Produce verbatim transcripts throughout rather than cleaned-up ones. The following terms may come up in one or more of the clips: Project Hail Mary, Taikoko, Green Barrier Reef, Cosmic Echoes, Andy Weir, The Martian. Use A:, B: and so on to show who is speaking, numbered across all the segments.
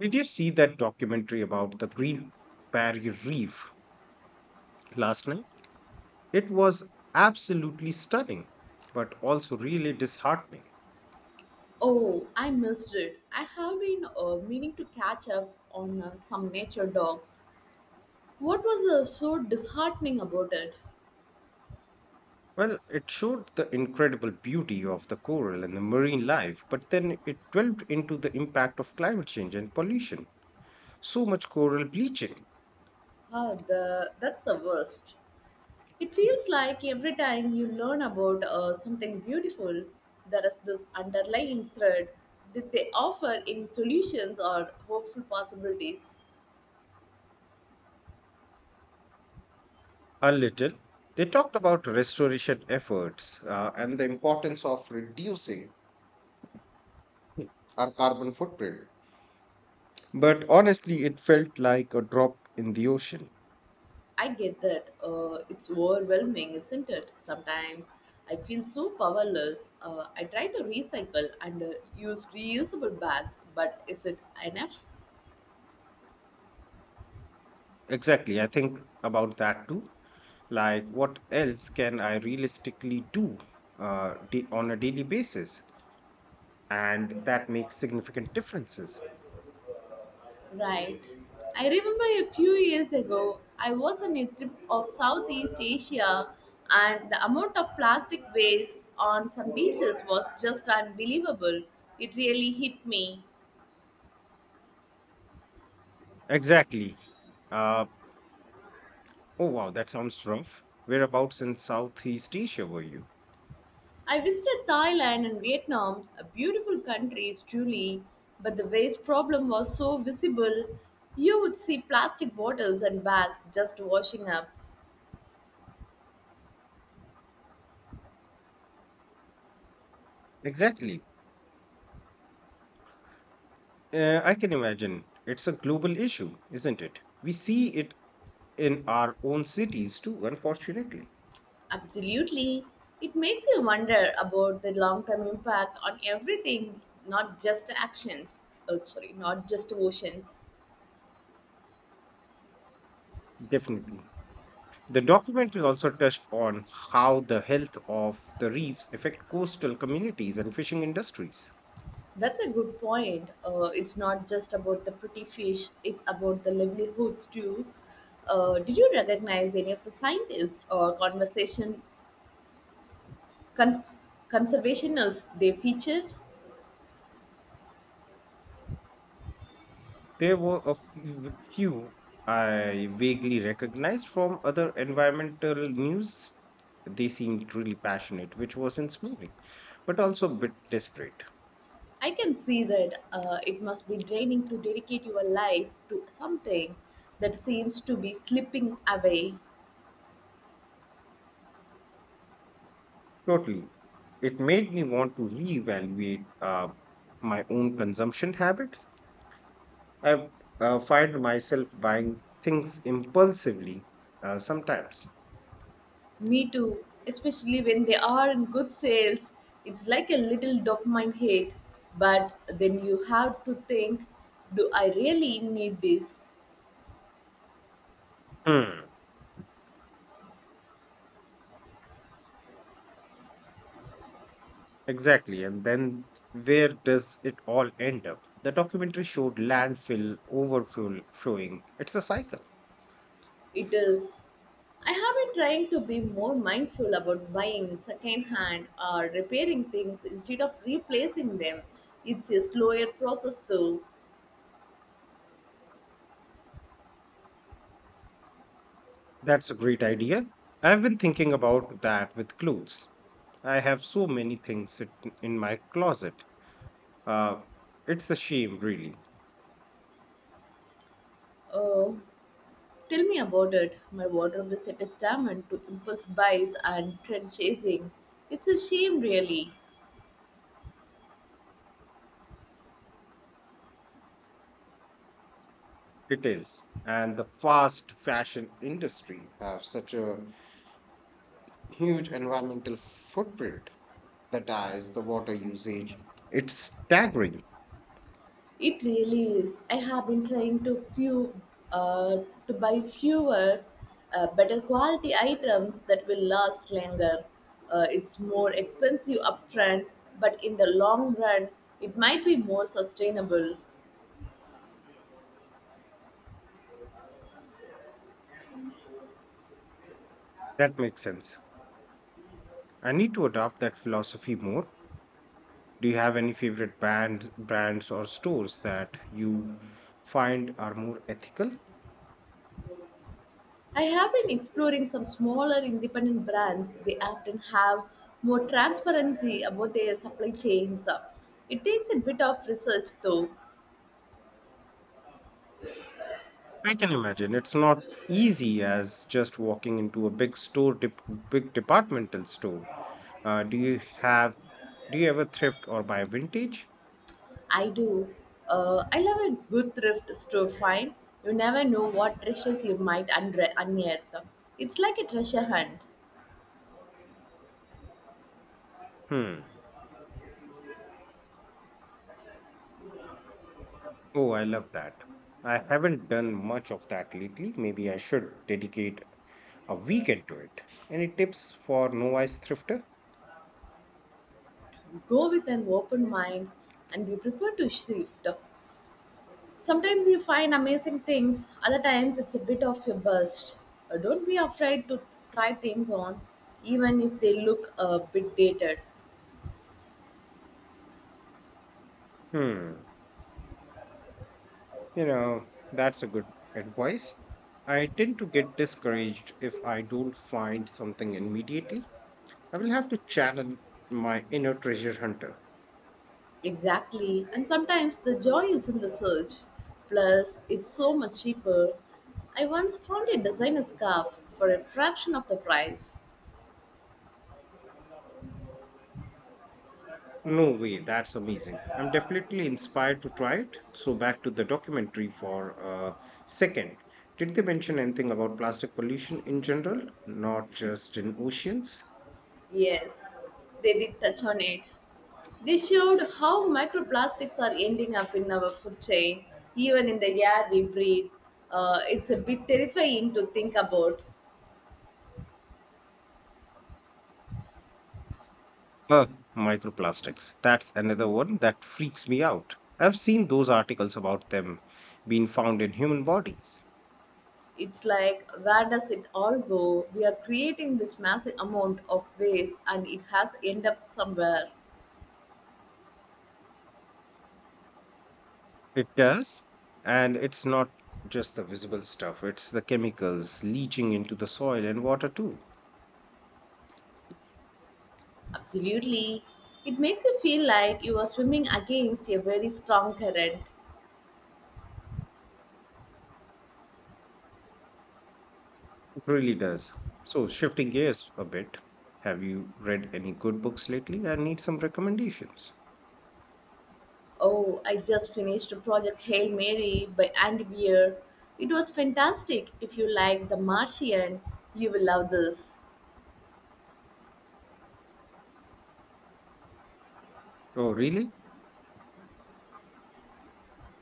A: Did you see that documentary about the Green Barrier Reef last night? It was absolutely stunning, but also really disheartening.
B: Oh, I missed it. I have been uh, meaning to catch up on uh, some nature dogs. What was uh, so disheartening about it?
A: Well, it showed the incredible beauty of the coral and the marine life, but then it delved into the impact of climate change and pollution. So much coral bleaching.
B: Ah, the that's the worst. It feels like every time you learn about uh, something beautiful, there is this underlying thread that they offer any solutions or hopeful possibilities.
A: A little. They talked about restoration efforts uh, and the importance of reducing our carbon footprint. But honestly, it felt like a drop in the ocean.
B: I get that. Uh, it's overwhelming, isn't it? Sometimes I feel so powerless. Uh, I try to recycle and uh, use reusable bags, but is it enough?
A: Exactly. I think about that too. Like, what else can I realistically do uh, da- on a daily basis? And that makes significant differences.
B: Right. I remember a few years ago, I was on a trip of Southeast Asia, and the amount of plastic waste on some beaches was just unbelievable. It really hit me.
A: Exactly. Uh, oh, wow, that sounds rough. Whereabouts in Southeast Asia were you?
B: I visited Thailand and Vietnam, a beautiful countries truly, but the waste problem was so visible. You would see plastic bottles and bags just washing up.
A: Exactly. Uh, I can imagine. It's a global issue, isn't it? We see it in our own cities too, unfortunately.
B: Absolutely. It makes you wonder about the long term impact on everything, not just actions. Oh, sorry, not just oceans.
A: Definitely. The documentary also touched on how the health of the reefs affect coastal communities and fishing industries.
B: That's a good point. Uh, it's not just about the pretty fish, it's about the livelihoods too. Uh, did you recognize any of the scientists or conversation Cons- conservationists they featured.
A: There were a few few I vaguely recognized from other environmental news. They seemed really passionate, which was inspiring, but also a bit desperate.
B: I can see that uh, it must be draining to dedicate your life to something that seems to be slipping away.
A: Totally. It made me want to reevaluate uh, my own consumption habits. I uh, find myself buying things impulsively uh, sometimes.
B: Me too, especially when they are in good sales. It's like a little dopamine hit, but then you have to think, do I really need this?
A: Hmm. Exactly. And then where does it all end up? The documentary showed landfill overflowing. It's a cycle.
B: It is. I have been trying to be more mindful about buying secondhand or repairing things instead of replacing them. It's a slower process though.
A: That's a great idea. I've been thinking about that with clothes. I have so many things sit- in my closet. Uh, it's a shame, really.
B: Oh, tell me about it. My wardrobe is a testament to impulse buys and trend chasing. It's a shame, really.
A: It is. And the fast fashion industry have such a huge environmental footprint. The tires, the water usage. It's staggering.
B: It really is. I have been trying to few uh, to buy fewer, uh, better quality items that will last longer. Uh, it's more expensive upfront, but in the long run, it might be more sustainable.
A: That makes sense. I need to adopt that philosophy more. Do you have any favorite band, brands or stores that you find are more ethical?
B: I have been exploring some smaller independent brands. They often have more transparency about their supply chains. It takes a bit of research though.
A: I can imagine it's not easy as just walking into a big store, dep- big departmental store. Uh, do you have? Do you ever thrift or buy vintage?
B: I do. Uh, I love a good thrift store find. You never know what treasures you might unre- unearth. It's like a treasure hunt.
A: Hmm. Oh, I love that. I haven't done much of that lately. Maybe I should dedicate a week into it. Any tips for novice thrifter?
B: You go with an open mind and be prepared to shift. Sometimes you find amazing things, other times it's a bit of a burst. Uh, don't be afraid to try things on, even if they look a bit dated.
A: Hmm, you know, that's a good advice. I tend to get discouraged if I don't find something immediately. I will have to channel my inner treasure hunter.
B: Exactly. And sometimes the joy is in the search. Plus, it's so much cheaper. I once found a designer scarf for a fraction of the price.
A: No way, that's amazing. I'm definitely inspired to try it. So, back to the documentary for a second. Did they mention anything about plastic pollution in general, not just in oceans?
B: Yes, they did touch on it. They showed how microplastics are ending up in our food chain, even in the air we breathe. Uh, it's a bit terrifying to think about.
A: Uh, Microplastics. That's another one that freaks me out. I've seen those articles about them being found in human bodies.
B: It's like, where does it all go? We are creating this massive amount of waste and it has end up somewhere.
A: It does. And it's not just the visible stuff, it's the chemicals leaching into the soil and water too.
B: Absolutely. It makes you feel like you are swimming against a very strong current.
A: It really does. So, shifting gears a bit, have you read any good books lately? I need some recommendations.
B: Oh, I just finished Project Hail Mary by Andy Weir. It was fantastic. If you like The Martian, you will love this.
A: Oh, really?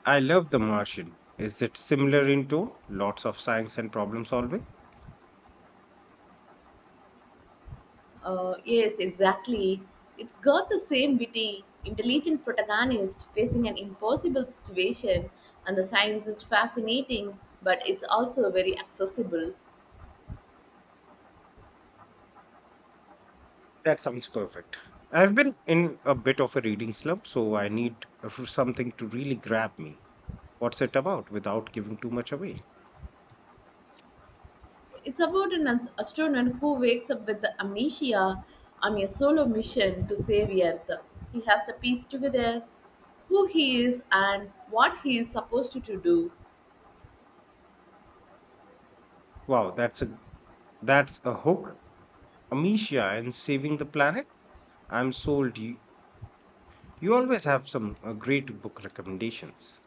A: I love The Martian. Is it similar in tone? Lots of science and problem solving?
B: Uh, yes, exactly. It's got the same witty, intelligent protagonist facing an impossible situation, and the science is fascinating, but it's also very accessible.
A: That sounds perfect. I've been in a bit of a reading slump, so I need a- something to really grab me. What's it about without giving too much away?
B: It's about an ast- astronaut who wakes up with amnesia on a solo mission to save Earth. He has to piece together who he is and what he is supposed to, to do.
A: Wow, that's a that's a hook. Amicia and Saving the Planet. I'm sold. You you always have some uh, great book recommendations.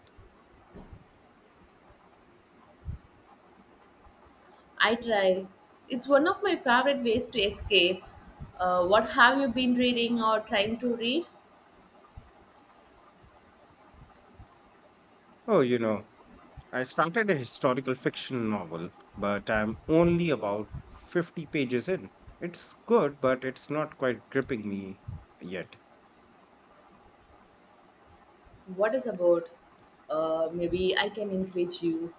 B: I try. It's one of my favorite ways to escape. Uh, what have you been reading or trying to read?
A: Oh, you know, I started a historical fiction novel, but I'm only about fifty pages in. It's good, but it's not quite gripping me yet.
B: What is about? Uh, maybe I can encourage you.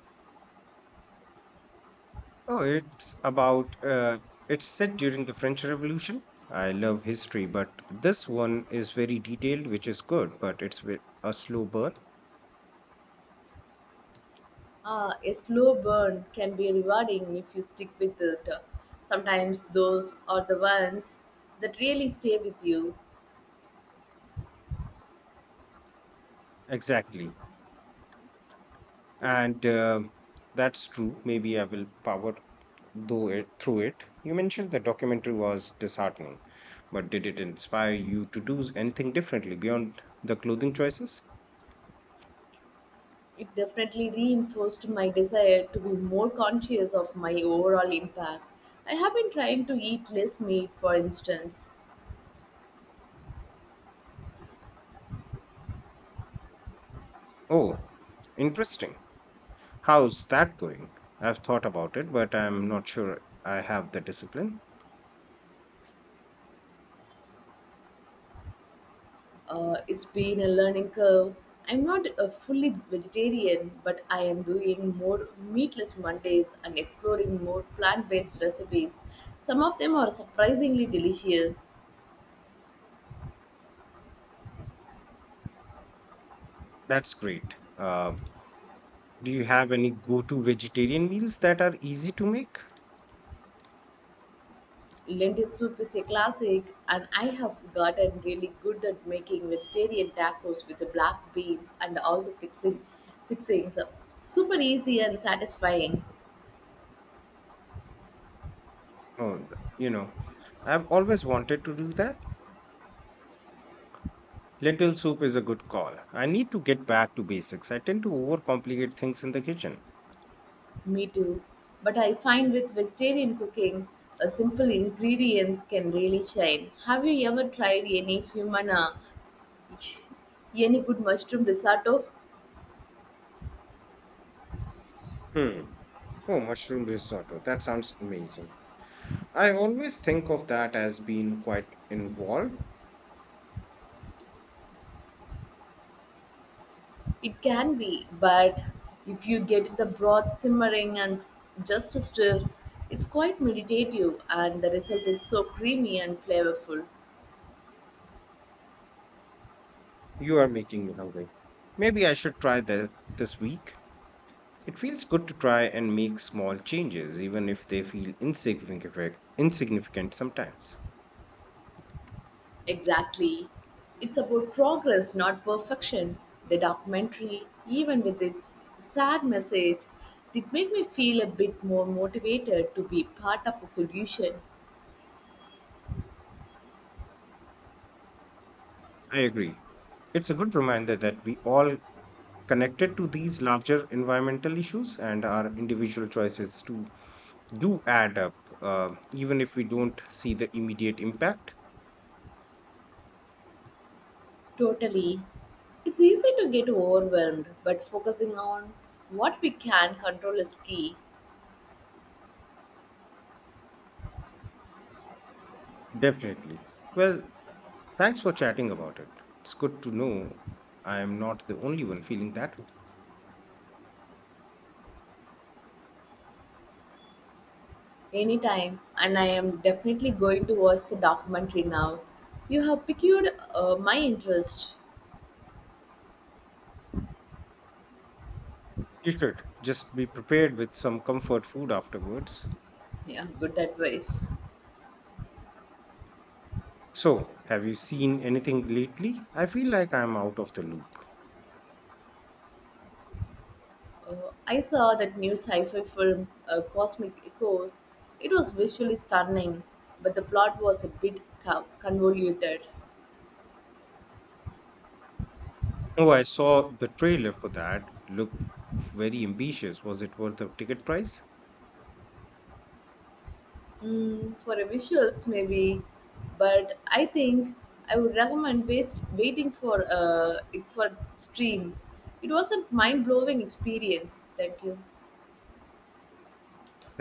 A: Oh, it's about, uh, it's set during the French Revolution. I love history, but this one is very detailed, which is good, but it's ve- a slow burn.
B: Uh, a slow burn can be rewarding if you stick with it. Sometimes those are the ones that really stay with you.
A: Exactly. and um That's true. Maybe I will power though it through it. You mentioned the documentary was disheartening, but did it inspire you to do anything differently beyond the clothing choices?
B: It definitely reinforced my desire to be more conscious of my overall impact. I have been trying to eat less meat, for instance.
A: Oh, interesting. How's that going? I've thought about it, but I'm not sure I have the discipline.
B: Uh, it's been a learning curve. I'm not a fully vegetarian, but I am doing more meatless Mondays and exploring more plant based recipes. Some of them are surprisingly delicious.
A: That's great. Uh, do you have any go-to vegetarian meals that are easy to make?
B: Lentil soup is a classic, and I have gotten really good at making vegetarian tacos with the black beans and all the fixing, fixings. Super easy and satisfying.
A: Oh, th- you know, I've always wanted to do that. Lentil soup is a good call. I need to get back to basics. I tend to overcomplicate things in the kitchen.
B: Me too. But I find with vegetarian cooking, a simple ingredients can really shine. Have you ever tried any human, uh, any good mushroom risotto?
A: Hmm. Oh, mushroom risotto. That sounds amazing. I always think of that as being quite involved.
B: It can be, but if you get the broth simmering and s- just stir, it's quite meditative and the result is so creamy and flavorful.
A: You are making me hungry. Maybe I should try that this week. It feels good to try and make small changes, even if they feel insignificant, insignificant sometimes.
B: Exactly. It's about progress, not perfection. The documentary, even with its sad message, did make me feel a bit more motivated to be part of the solution.
A: I agree. It's a good reminder that we all connected to these larger environmental issues and our individual choices too do add up, uh, even if we don't see the immediate impact.
B: Totally. It's easy to get overwhelmed, but focusing on what we can control is key.
A: Definitely. Well, thanks for chatting about it. It's good to know I am not the only one feeling that way.
B: Anytime, and I am definitely going to watch the documentary now. You have piqued uh, my interest.
A: You should just be prepared with some comfort food afterwards.
B: Yeah, good advice.
A: So, have you seen anything lately? I feel like I'm out of the loop.
B: Uh, I saw that new sci fi film, uh, Cosmic Echoes. It was visually stunning, but the plot was a bit co- convoluted.
A: Oh, I saw the trailer for that. Looked very ambitious. Was it worth the ticket price?
B: Mm, for a visuals, maybe, but I think I would recommend waste, waiting for uh, it for stream. It was a mind blowing experience. Thank you.